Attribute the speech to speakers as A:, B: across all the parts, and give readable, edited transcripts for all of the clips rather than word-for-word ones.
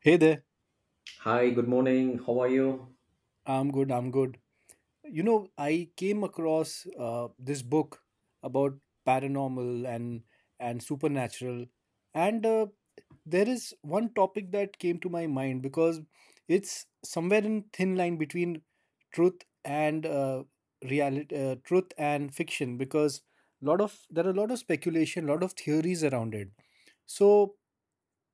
A: Hey there.
B: Hi, good morning. How are you?
A: I'm good. I'm good. You know, I came across this book about paranormal and supernatural, and there is one topic that came to my mind because it's somewhere in thin line between truth and reality, truth and fiction. Because lot of there are a lot of speculation, lot of theories around it. So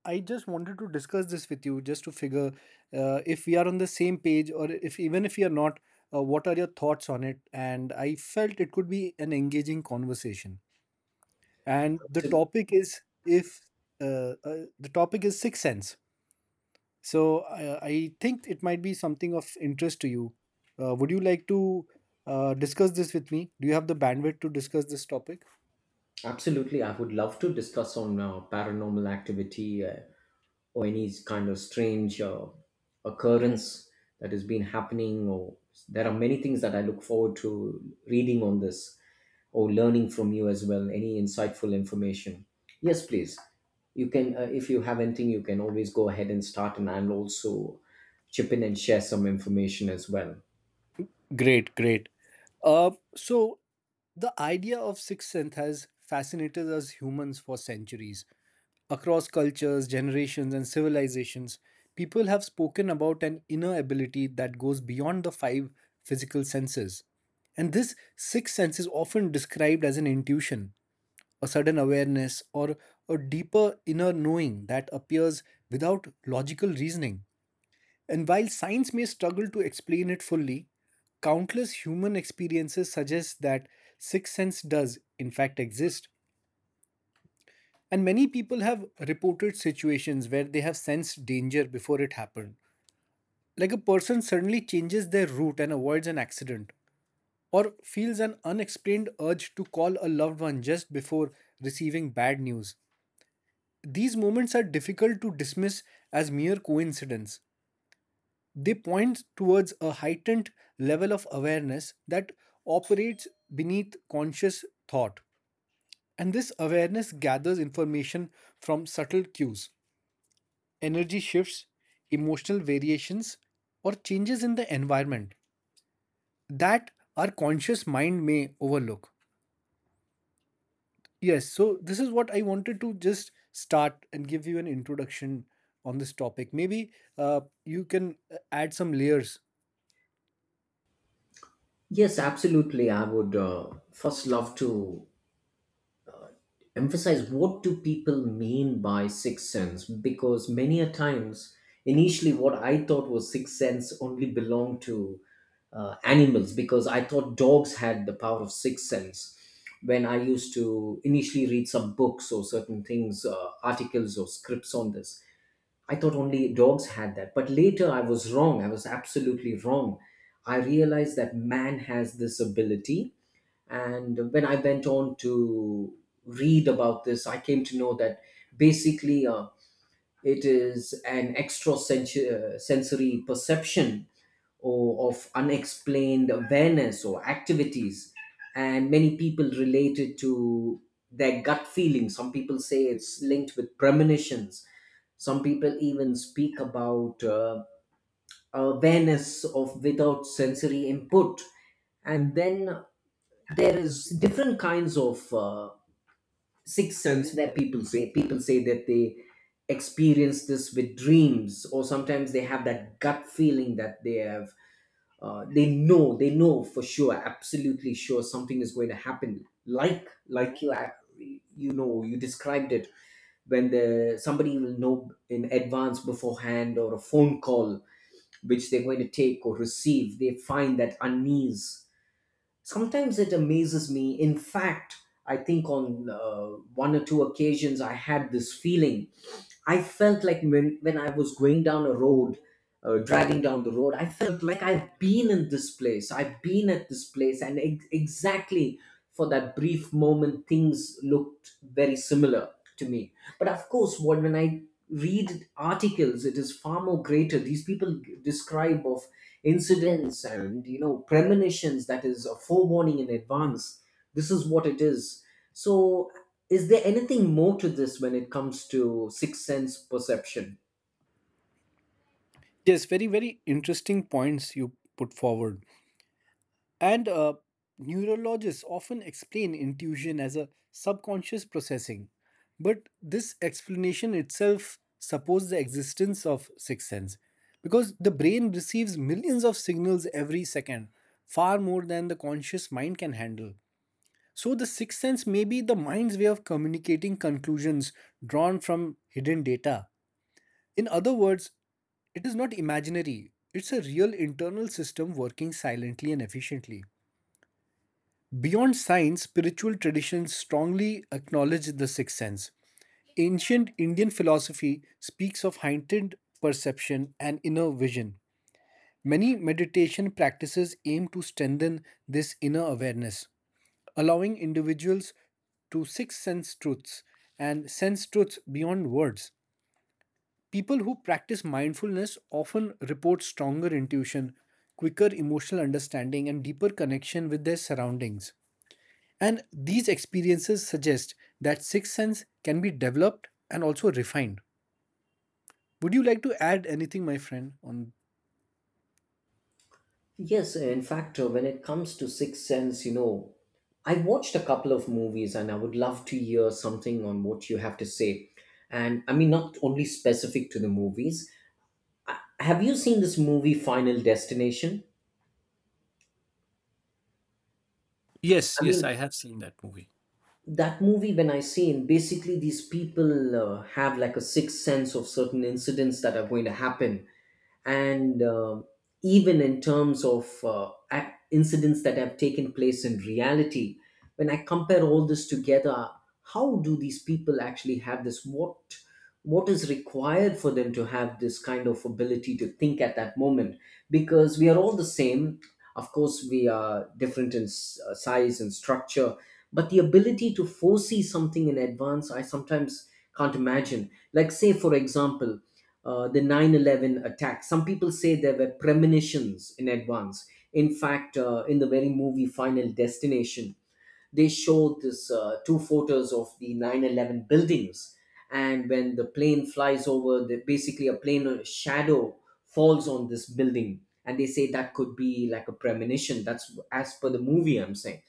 A: I just wanted to discuss this with you just to figure if we are on the same page or if even if we are not, what are your thoughts on it? And I felt it could be an engaging conversation. And the
B: Abso-
A: topic is if the topic is sixth sense. So I think it might be something of interest to you. Would you like to discuss this with me? Do you have the bandwidth to discuss this topic?
B: Absolutely. I would love to discuss on paranormal activity or any kind of strange occurrence that has been happening. Or there are many things that I look forward to reading on this or learning from you as well. Any insightful information? Yes, please. You can, if you have anything, you can always go ahead and start, and I'll also chip in and share some information as well.
A: Great, great. So the idea of sixth sense has fascinated us humans for centuries. Across cultures, generations, and civilizations, people have spoken about an inner ability that goes beyond the five physical senses. And this sixth sense is often described as an intuition, a sudden awareness, or a deeper inner knowing that appears without logical reasoning. And while science may struggle to explain it fully, countless human experiences suggest that sixth sense does, in fact, exist. And many people have reported situations where they have sensed danger before it happened. Like a person suddenly changes their route and avoids an accident, or feels an unexplained urge to call a loved one just before receiving bad news. These moments are difficult to dismiss as mere coincidence. They point towards a heightened level of awareness that operates beneath conscious thought. And this awareness gathers information from subtle cues, energy shifts, emotional variations, or changes in the environment that our conscious mind may overlook. Yes, so this is what I wanted to just start and give you an introduction on this topic. Maybe you can add some layers.
B: Yes, absolutely. I would first love to emphasize what do people mean by sixth sense, because many a times initially what I thought was sixth sense only belonged to animals, because I thought dogs had the power of sixth sense. When I used to initially read some books or certain things, articles or scripts on this, I thought only dogs had that. But later I was wrong. I was absolutely wrong. I realized that man has this ability, and when I went on to read about this, I came to know that basically it is an extra sensory perception or of unexplained awareness or activities. And many people relate it to their gut feeling. Some people say it's linked with premonitions. Some people even speak about awareness of without sensory input. And then there is different kinds of sixth sense that people say that they experience this with dreams, or sometimes they have that gut feeling that they have, they know, they know for sure, absolutely sure something is going to happen, like you ac- you know you described it, when the somebody will know in advance beforehand, or a phone call which they're going to take or receive, they find that unease. Sometimes it amazes me. In fact, I think on one or two occasions I had this feeling. I felt like when I was going down a road, driving down the road, I felt like I've been at this place, and exactly for that brief moment things looked very similar to me. But of course, what, when I read articles, it is far more greater. These people describe of incidents, and you know, premonitions, that is a forewarning in advance. This is what it is. So, is there anything more to this when it comes to sixth sense perception?
A: Yes, very, very interesting points you put forward. And neurologists often explain intuition as a subconscious processing. But this explanation itself supposes the existence of sixth sense because the brain receives millions of signals every second, far more than the conscious mind can handle. So, the sixth sense may be the mind's way of communicating conclusions drawn from hidden data. In other words, it is not imaginary, it's a real internal system working silently and efficiently. Beyond science, spiritual traditions strongly acknowledge the sixth sense. Ancient Indian philosophy speaks of heightened perception and inner vision. Many meditation practices aim to strengthen this inner awareness, allowing individuals to sixth sense truths and sense truths beyond words. People who practice mindfulness often report stronger intuition, quicker emotional understanding, and deeper connection with their surroundings. And these experiences suggest that sixth sense can be developed and also refined. Would you like to add anything, my friend, on?
B: Yes, in fact, when it comes to sixth sense, I watched a couple of movies and I would love to hear something on what you have to say, and I mean not only specific to the movies. Have you seen this movie Final Destination?
A: Yes,
B: I
A: yes,
B: mean,
A: I have seen that movie.
B: that movie, when I seen, basically these people have like a sixth sense of certain incidents that are going to happen. And even in terms of incidents that have taken place in reality, when I compare all this together, how do these people actually have this? What is required for them to have this kind of ability to think at that moment? Because we are all the same. Of course, we are different in size and structure, but the ability to foresee something in advance, I sometimes can't imagine. Like, say for example, the 9-11 attack, some people say there were premonitions in advance. In fact, in the very movie Final Destination, they showed this two photos of the 9-11 buildings, and when the plane flies over basically a plane shadow falls on this building, and they say that could be like a premonition. That's as per the movie, I'm saying.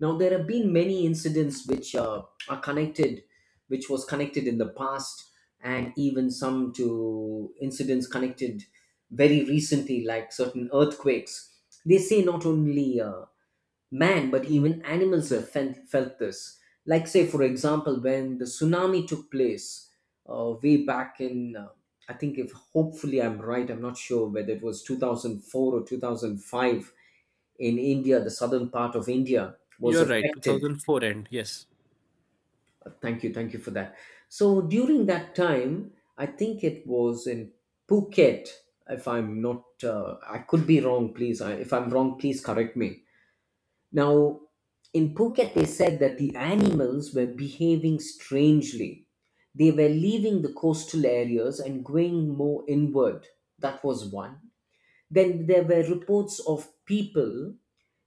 B: Now, there have been many incidents which are connected, which was connected in the past, and even some to incidents connected very recently, like certain earthquakes. They say not only man, but even animals have felt this. Like, say, for example, when the tsunami took place, way back in, I think, if hopefully I'm right, I'm not sure whether it was 2004 or 2005, in India, the southern part of India was
A: You're right,
B: affected.
A: 2004 end. Yes.
B: Thank you for that. So during that time, I think it was in Phuket. If I'm not, I could be wrong. Please, if I'm wrong, please correct me. Now, in Phuket, they said that the animals were behaving strangely. They were leaving the coastal areas and going more inward. That was one. Then there were reports of people.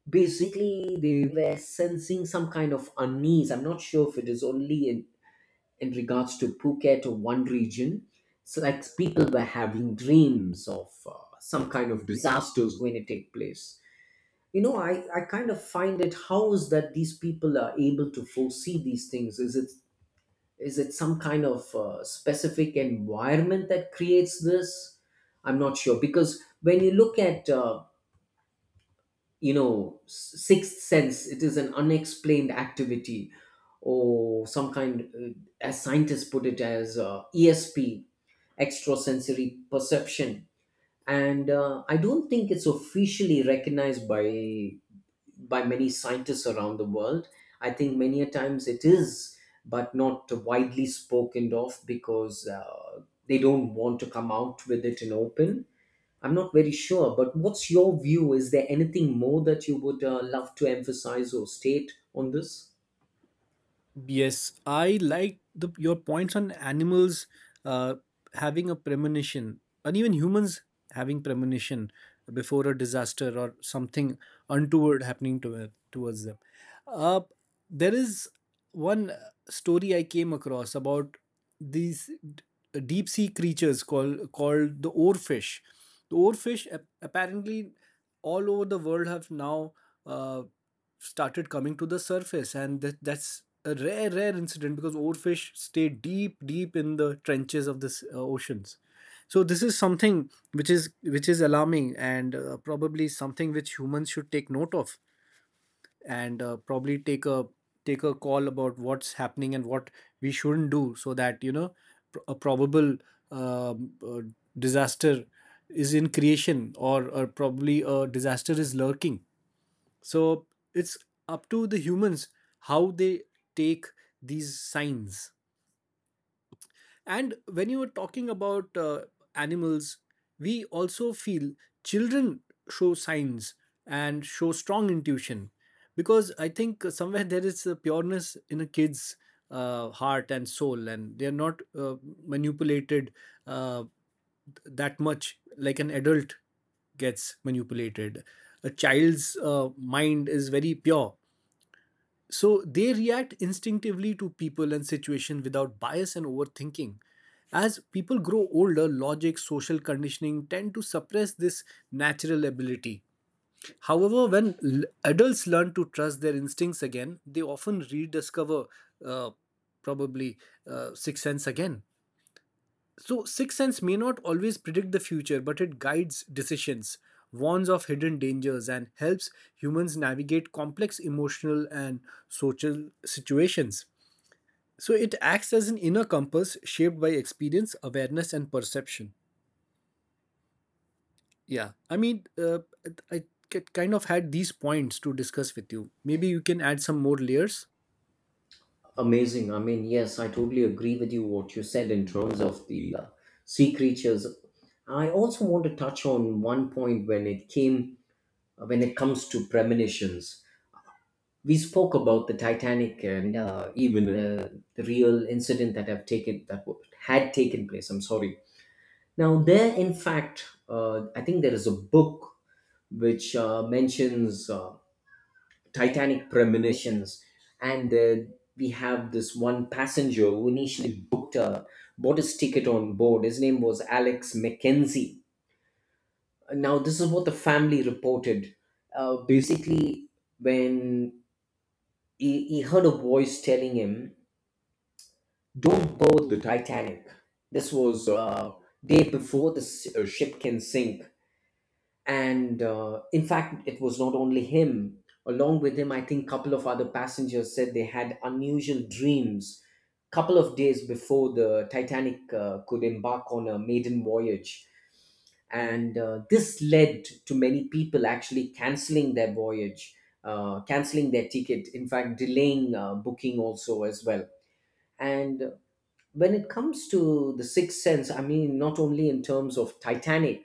B: Basically, they were sensing some kind of unease. I'm not sure if it is only in regards to Phuket or one region. So, like people were having dreams of some kind of disasters going to take place. You know, I kind of find it, how is that these people are able to foresee these things? Is it some kind of specific environment that creates this? I'm not sure, because when you look at sixth sense, it is an unexplained activity or some kind, as scientists put it, as ESP, extrasensory perception. And I don't think it's officially recognized by many scientists around the world. I think many a times it is, but not widely spoken of, because they don't want to come out with it in open. I'm not very sure, but what's your view? Is there anything more that you would love to emphasize or state on this?
A: Yes, I like your points on animals uh, having a premonition, and even humans having premonition before a disaster or something untoward happening towards them. Uh, there is one story I came across about these deep sea creatures called the oarfish. The oarfish apparently all over the world have now uh, started coming to the surface, and that's a rare incident because oarfish stay deep in the trenches of the oceans. So this is something which is alarming and probably something which humans should take note of, and probably take a call about what's happening and what we shouldn't do, so that you know a probable um, uh, disaster is in creation, or probably a disaster is lurking. So it's up to the humans how they take these signs. And when you were talking about animals, we also feel children show signs and show strong intuition, because I think somewhere there is a pureness in a kid's heart and soul, and they're not manipulated uh, that much like an adult gets manipulated. A child's mind is very pure, so they react instinctively to people and situation without bias and overthinking. As people grow older, logic, social conditioning tend to suppress this natural ability. However, when adults learn to trust their instincts again, they often rediscover uh, probably sixth sense again. So, sixth sense may not always predict the future, but it guides decisions, warns of hidden dangers, and helps humans navigate complex emotional and social situations. So, it acts as an inner compass shaped by experience, awareness, and perception. Yeah, I mean, I kind of had these points to discuss with you. Maybe you can add some more layers.
B: Amazing. I mean, yes, I totally agree with you what you said in terms of the sea creatures. I also want to touch on one point. When it comes to premonitions, we spoke about the Titanic, and even the real incident that have taken that w- had taken place. I'm sorry. Now there, in fact, I think there is a book which mentions Titanic premonitions. And we have this one passenger who initially booked a bought his ticket on board. His name was Alex Mackenzie. Now this is what the family reported. Basically, when he heard a voice telling him, don't board the Titanic. This was, day before the ship can sink. And in fact, it was not only him. Along with him, I think couple of other passengers said they had unusual dreams couple of days before the Titanic could embark on a maiden voyage. And this led to many people actually canceling their voyage, canceling their ticket. In fact, delaying booking also as well. And when it comes to the sixth sense, I mean not only in terms of Titanic,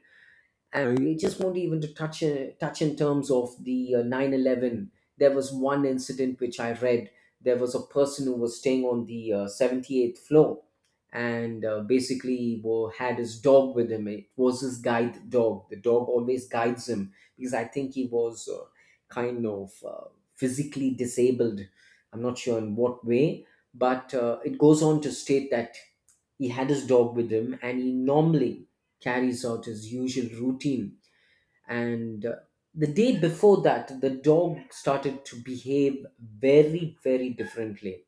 B: and we just want even to touch in terms of the 9 11. There was one incident which I read. There was a person who was staying on the 78th floor, and basically had his dog with him. It was his guide dog. The dog always guides him, because I think he was kind of uh, physically disabled. I'm not sure in what way, but it goes on to state that he had his dog with him, and he normally carries out his usual routine. And the day before that, the dog started to behave very, very differently.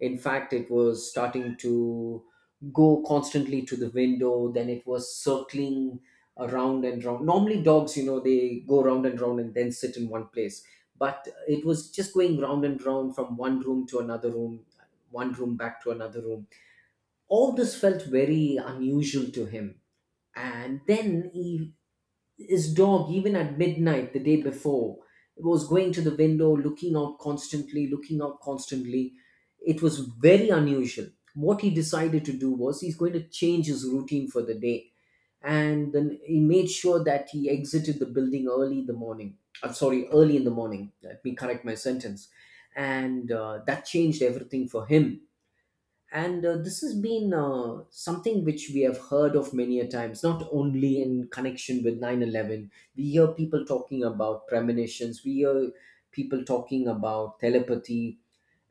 B: In fact, it was starting to go constantly to the window. Then it was circling around and round. Normally, dogs, you know, they go round and round and then sit in one place. But it was just going round and round from one room to another room, one room back to another room. All this felt very unusual to him. And then his dog, even at midnight the day before, was going to the window, looking out constantly, looking out constantly. It was very unusual. What he decided to do was he's going to change his routine for the day. And then he made sure that he exited the building early in the morning. I'm sorry, early in the morning. Let me correct my sentence. And that changed everything for him. And this has been something which we have heard of many a times, not only in connection with 9/11. We hear people talking about premonitions. We hear people talking about telepathy.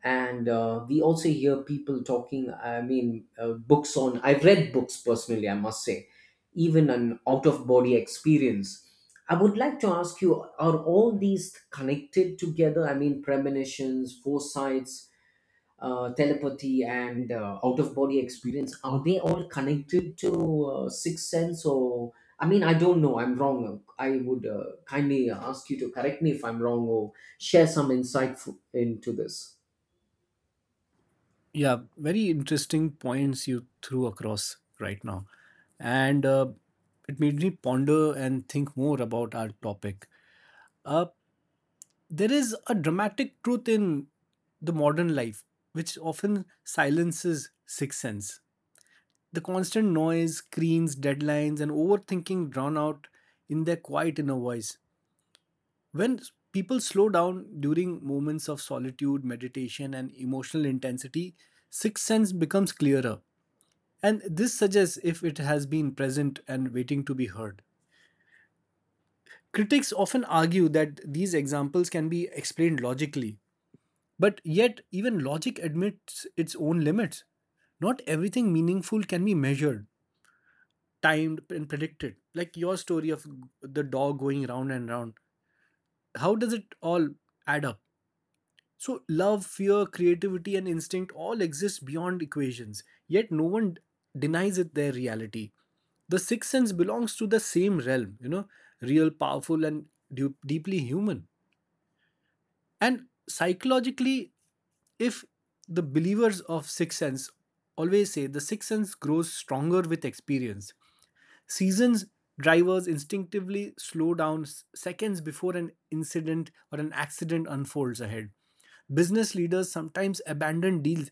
B: And we also hear people talking, I mean, books on. I've read books personally, I must say, even an out of body experience. I would like to ask you, are all these connected together? I mean, premonitions, foresights, telepathy, and out of body experience, are they all connected to sixth sense? Or I mean, I don't know, I'm wrong. I would kindly ask you to correct me if I'm wrong, or share some insight into this.
A: Yeah, very interesting points you threw across right now. And it made me ponder and think more about our topic. Uh, there is a dramatic truth in the modern life, which often silences sixth sense. The constant noise, screens, deadlines, and overthinking drown out in their quiet inner voice. When people slow down during moments of solitude, meditation, and emotional intensity, sixth sense becomes clearer. And this suggests if it has been present and waiting to be heard. Critics often argue that these examples can be explained logically, but yet, even logic admits its own limits. Not everything meaningful can be measured, timed, and predicted. Like your story of the dog going round and round. How does it all add up? So, love, fear, creativity, and instinct all exist beyond equations, yet no one denies it their reality. The sixth sense belongs to the same realm, you know, real, powerful, and deeply human. And psychologically, if the believers of sixth sense always say the sixth sense grows stronger with experience, seasons drivers instinctively slow down seconds before an incident or an accident unfolds ahead. Business leaders sometimes abandon deals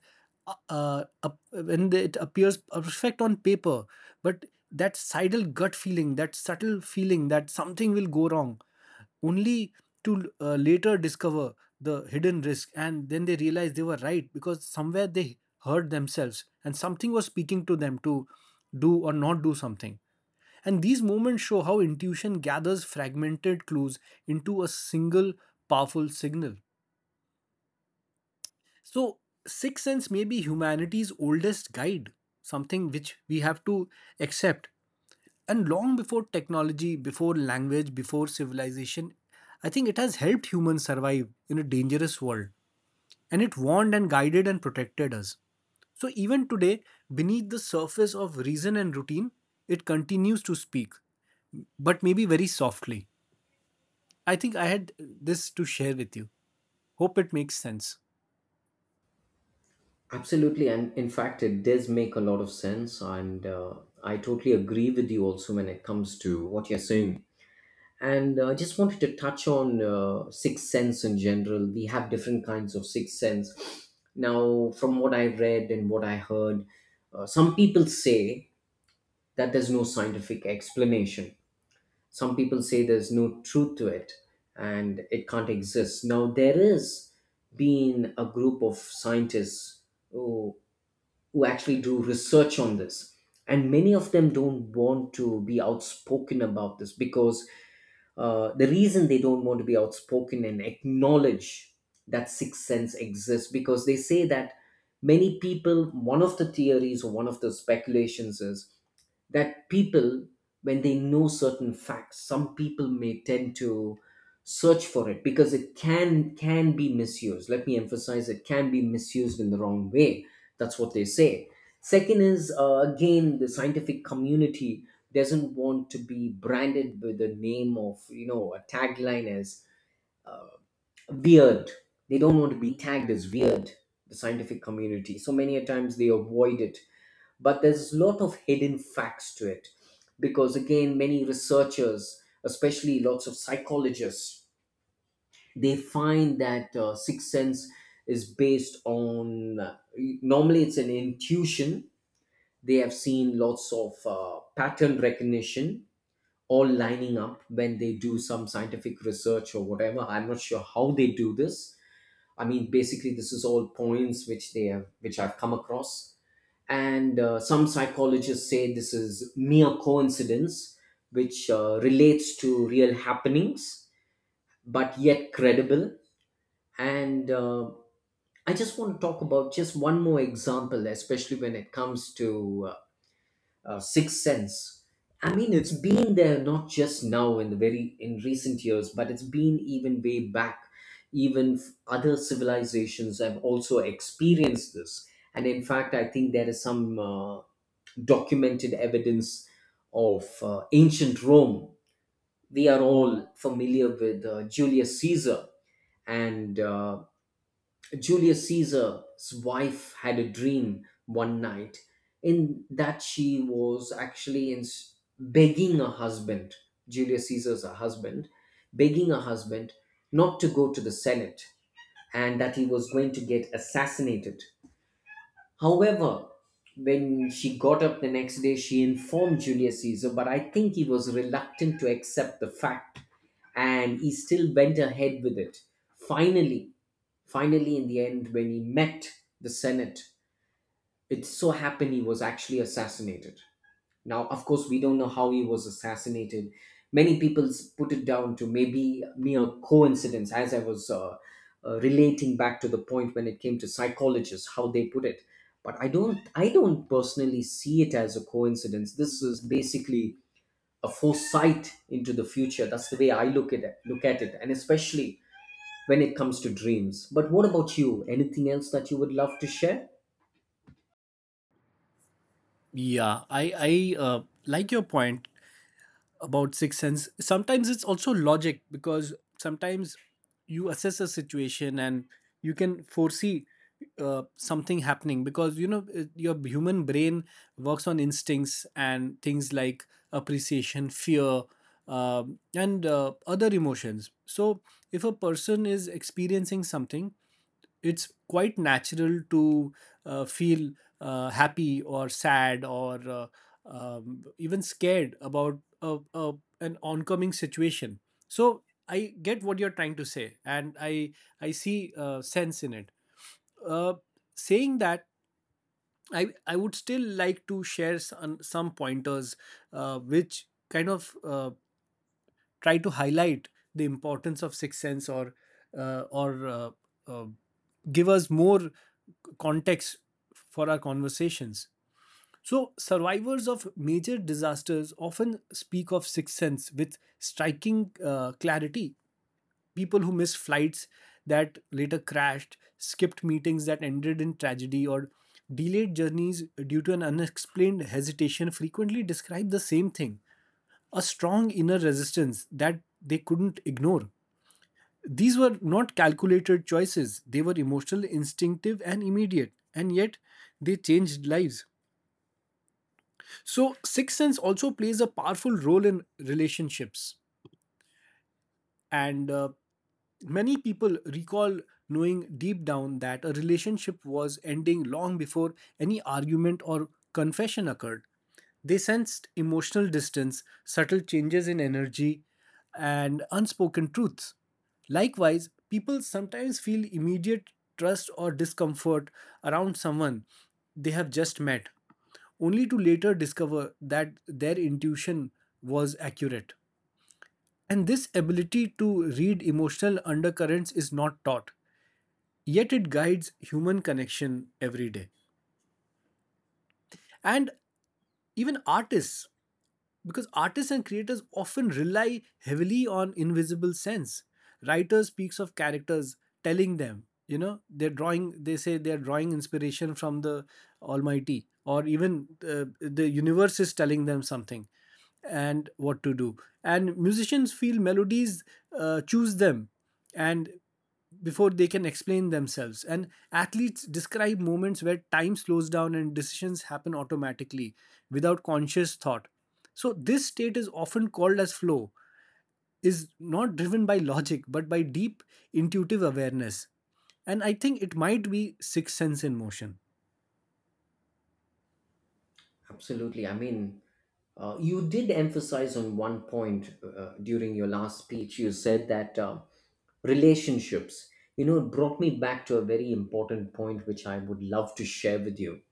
A: uh, uh, when it appears perfect on paper, but that sidle gut feeling, that subtle feeling that something will go wrong, only to later discover the hidden risk, and then they realize they were right, because somewhere they heard themselves and something was speaking to them to do or not do something. And these moments show how intuition gathers fragmented clues into a single powerful signal. So, sixth sense may be humanity's oldest guide, something which we have to accept. And long before technology, before language, before civilization, I think it has helped humans survive in a dangerous world. And it warned and guided and protected us. So, even today, beneath the surface of reason and routine, it continues to speak, but maybe very softly. I think I had this to share with you. Hope it makes sense.
B: Absolutely, and in fact it does make a lot of sense. And I totally agree with you also when it comes to what you're saying. And I just wanted to touch on sixth sense in general. We have different kinds of sixth sense. Now, from what I read and what I heard, some people say that there's no scientific explanation. Some people say there's no truth to it and it can't exist. Now, there is been a group of scientists who, who actually do research on this, and many of them don't want to be outspoken about this because the reason they don't want to be outspoken and acknowledge that sixth sense exists because they say that many people, one of the theories or one of the speculations is that people, when they know certain facts, some people may tend to search for it, because it can be misused. Let me emphasize, it can be misused in the wrong way. That's what they say. Second is, again, the scientific community doesn't want to be branded with the name of, you know, a tagline as weird. They don't want to be tagged as weird, the scientific community, so many a times they avoid it. But there's a lot of hidden facts to it, because again, many researchers, especially lots of psychologists, they find that sixth sense is based on normally it's an intuition. They have seen lots of pattern recognition all lining up when they do some scientific research or whatever. I'm not sure how they do this. I mean, basically, this is all points which they have, which I've come across. And some psychologists say this is mere coincidence, which relates to real happenings, but yet credible. And I just want to talk about just one more example, especially when it comes to Sixth Sense. I mean, it's been there not just now in the very in recent years, but it's been even way back. Even other civilizations have also experienced this, and in fact, I think there is some documented evidence of ancient Rome. We are all familiar with Julius Caesar, and Julius Caesar's wife had a dream one night, in that she was actually in begging her husband, Julius Caesar's husband, begging her husband not to go to the Senate, and that he was going to get assassinated. However, when she got up the next day, she informed Julius Caesar, but I think he was reluctant to accept the fact and he still went ahead with it. Finally, in the end, when he met the Senate, it so happened he was actually assassinated. Now, of course, we don't know how he was assassinated. Many people put it down to maybe mere coincidence, as I was relating back to the point when it came to psychologists, how they put it. But I don't personally see it as a coincidence. This is basically a foresight into the future. That's the way I look at it, and especially when it comes to dreams. But what about you? Anything else that you would love to share?
A: Yeah, I like your point about sixth sense. Sometimes it's also logic, because sometimes you assess a situation and you can foresee something happening, because you know your human brain works on instincts and things like appreciation, fear, and other emotions. So if a person is experiencing something, it's quite natural to feel happy or sad or even scared about an oncoming situation. So I get what you're trying to say, and I see sense in it. uh, Saying that, I would still like to share some pointers which kind of try to highlight the importance of sixth sense, or uh, give us more context for our conversations. So survivors of major disasters often speak of sixth sense with striking clarity. People who missed flights that later crashed, skipped meetings that ended in tragedy, or delayed journeys due to an unexplained hesitation frequently describe the same thing: a strong inner resistance that they couldn't ignore. These were not calculated choices, they were emotional, instinctive, and immediate, and yet they changed lives. So, sixth sense also plays a powerful role in relationships. And many people recall knowing deep down that a relationship was ending long before any argument or confession occurred. They sensed emotional distance, subtle changes in energy, and unspoken truths. Likewise, people sometimes feel immediate trust or discomfort around someone they have just met, only to later discover that their intuition was accurate. And this ability to read emotional undercurrents is not taught, yet it guides human connection every day. And even artists, because artists and creators often rely heavily on invisible sense, writer speaks of characters telling them, you know, they're drawing, they say they're drawing inspiration from the almighty, or even the universe is telling them something and what to do. And musicians feel melodies choose them, and before they can explain themselves, and athletes describe moments where time slows down and decisions happen automatically without conscious thought. So, this state is often called as flow, is not driven by logic but by deep intuitive awareness. And I think it might be sixth sense in motion.
B: Absolutely. I mean, you did emphasize on one point during your last speech. You said that relationships, you know, it brought me back to a very important point which I would love to share with you.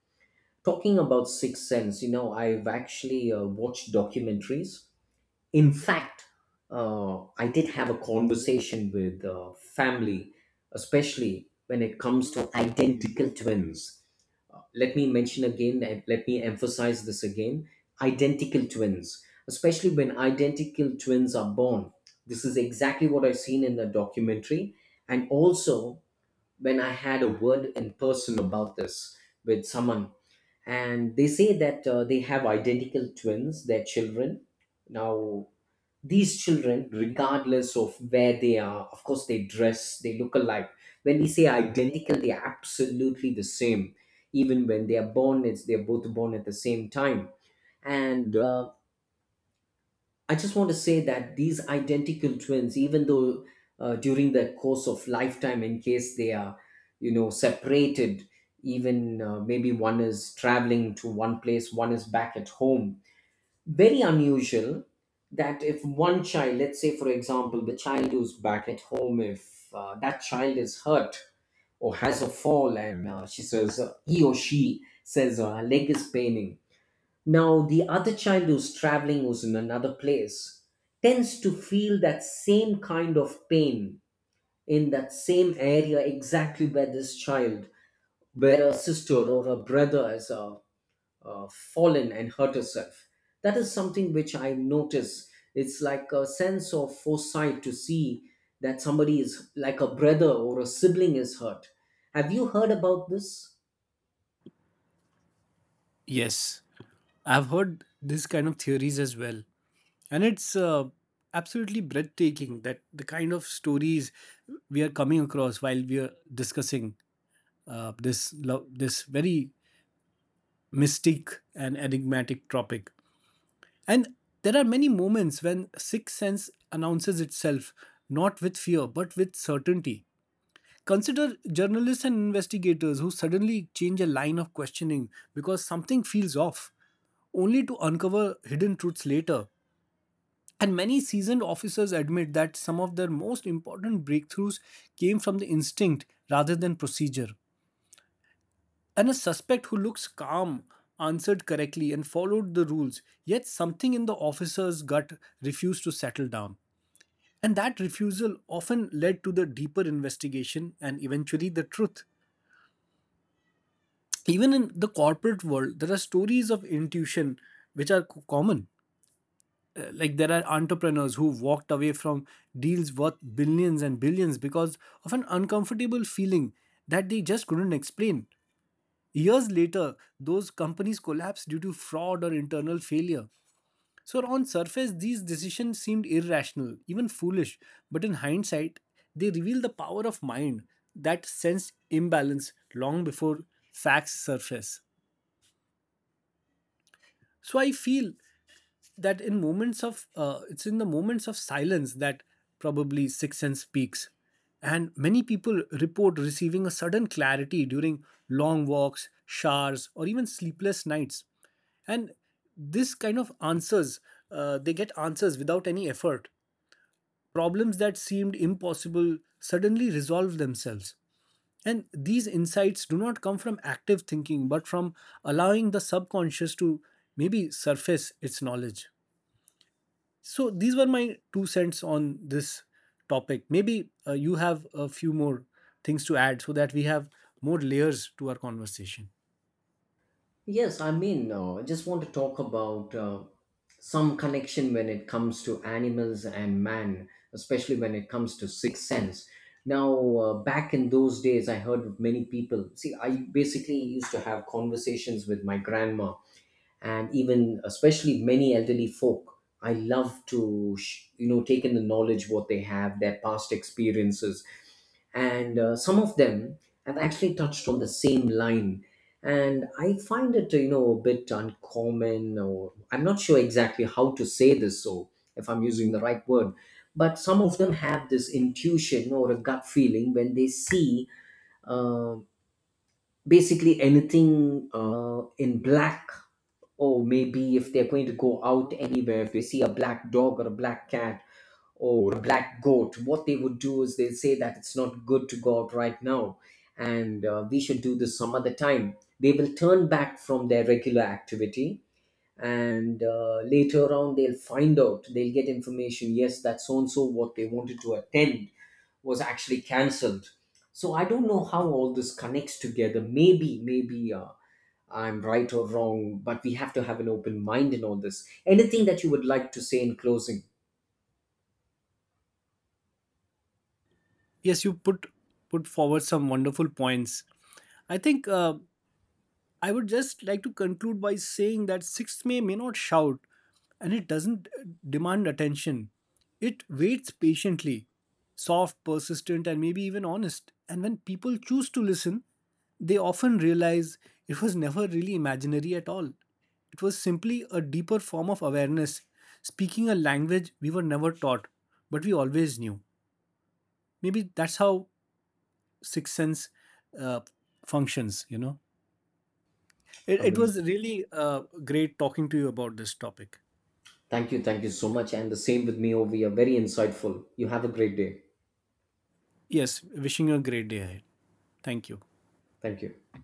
B: Talking about Sixth Sense, you know, I've actually watched documentaries. In fact, I did have a conversation with family, especially when it comes to identical twins. Let me mention again, and let me emphasize this again, identical twins, especially when identical twins are born. This is exactly what I've seen in the documentary. And also, when I had a word in person about this with someone, and they say that they have identical twins, their children. Now, these children, regardless of where they are, of course, they dress, they look alike. When we say identical, they are absolutely the same. Even when they are born, it's they're both born at the same time. And I just want to say that these identical twins, even though during the course of lifetime, in case they are, you know, separated, even maybe one is traveling to one place, one is back at home, very unusual, that if one child, let's say for example, the child who's back at home, if that child is hurt or has a fall, and he or she says, her leg is paining. Now, the other child who's traveling, who's in another place, tends to feel that same kind of pain in that same area, exactly where this child, where a sister or a brother has fallen and hurt herself. That is something which I notice. It's like a sense of foresight to see that somebody is, like, a brother or a sibling is hurt. Have you heard about this?
A: Yes, I've heard this kind of theories as well. And it's absolutely breathtaking that the kind of stories we are coming across while we are discussing this very mystic and enigmatic topic. And there are many moments when sixth sense announces itself, not with fear, but with certainty. Consider journalists and investigators who suddenly change a line of questioning because something feels off, only to uncover hidden truths later. And many seasoned officers admit that some of their most important breakthroughs came from the instinct rather than procedure. And a suspect who looks calm, answered correctly, and followed the rules, yet something in the officer's gut refused to settle down. And that refusal often led to the deeper investigation and eventually the truth. Even in the corporate world, there are stories of intuition which are common. Like there are entrepreneurs who walked away from deals worth billions and billions because of an uncomfortable feeling that they just couldn't explain. Years later, those companies collapsed due to fraud or internal failure. So on surface, these decisions seemed irrational, even foolish, but in hindsight, they reveal the power of mind that sensed imbalance long before facts surface. So I feel that in moments of it's in the moments of silence that probably sixth sense speaks. And many people report receiving a sudden clarity during long walks, showers, or even sleepless nights. And this kind of answers, they get answers without any effort. Problems that seemed impossible suddenly resolve themselves, and these insights do not come from active thinking but from allowing the subconscious to maybe surface its knowledge. So these were my two cents on this topic. Maybe you have a few more things to add, so that we have more layers to our conversation.
B: Yes, I mean, I just want to talk about some connection when it comes to animals and man, especially when it comes to sixth sense. Now, back in those days, I heard of many people. See, I basically used to have conversations with my grandma, and even especially many elderly folk, I love to you know, take in the knowledge what they have, their past experiences. And some of them have actually touched on the same line, and I find it, you know, a bit uncommon, or I'm not sure exactly how to say this, so if I'm using the right word. But some of them have this intuition or a gut feeling when they see uh, basically anything in black. Or maybe if they're going to go out anywhere, if they see a black dog or a black cat or a black goat, what they would do is they'll say that it's not good to go out right now, and we should do this some other time. They will turn back from their regular activity, and later on they'll find out, they'll get information, yes, that so and so what they wanted to attend was actually cancelled. So I don't know how all this connects together. Maybe I'm right or wrong, but we have to have an open mind in all this. Anything that you would like to say in closing?
A: Yes, you put forward some wonderful points. I think I would just like to conclude by saying that sixth may not shout, and it doesn't demand attention. It waits patiently, soft, persistent, and maybe even honest. And when people choose to listen, they often realize it was never really imaginary at all. It was simply a deeper form of awareness, speaking a language we were never taught, but we always knew. Maybe that's how sixth sense uh, functions, you know. It was
B: Amazing.
A: really great talking to you about this topic.
B: Thank you, thank you so much, and the same with me over here. Very insightful. You have a great day.
A: Yes, wishing you a great day ahead. Thank you.
B: Thank you.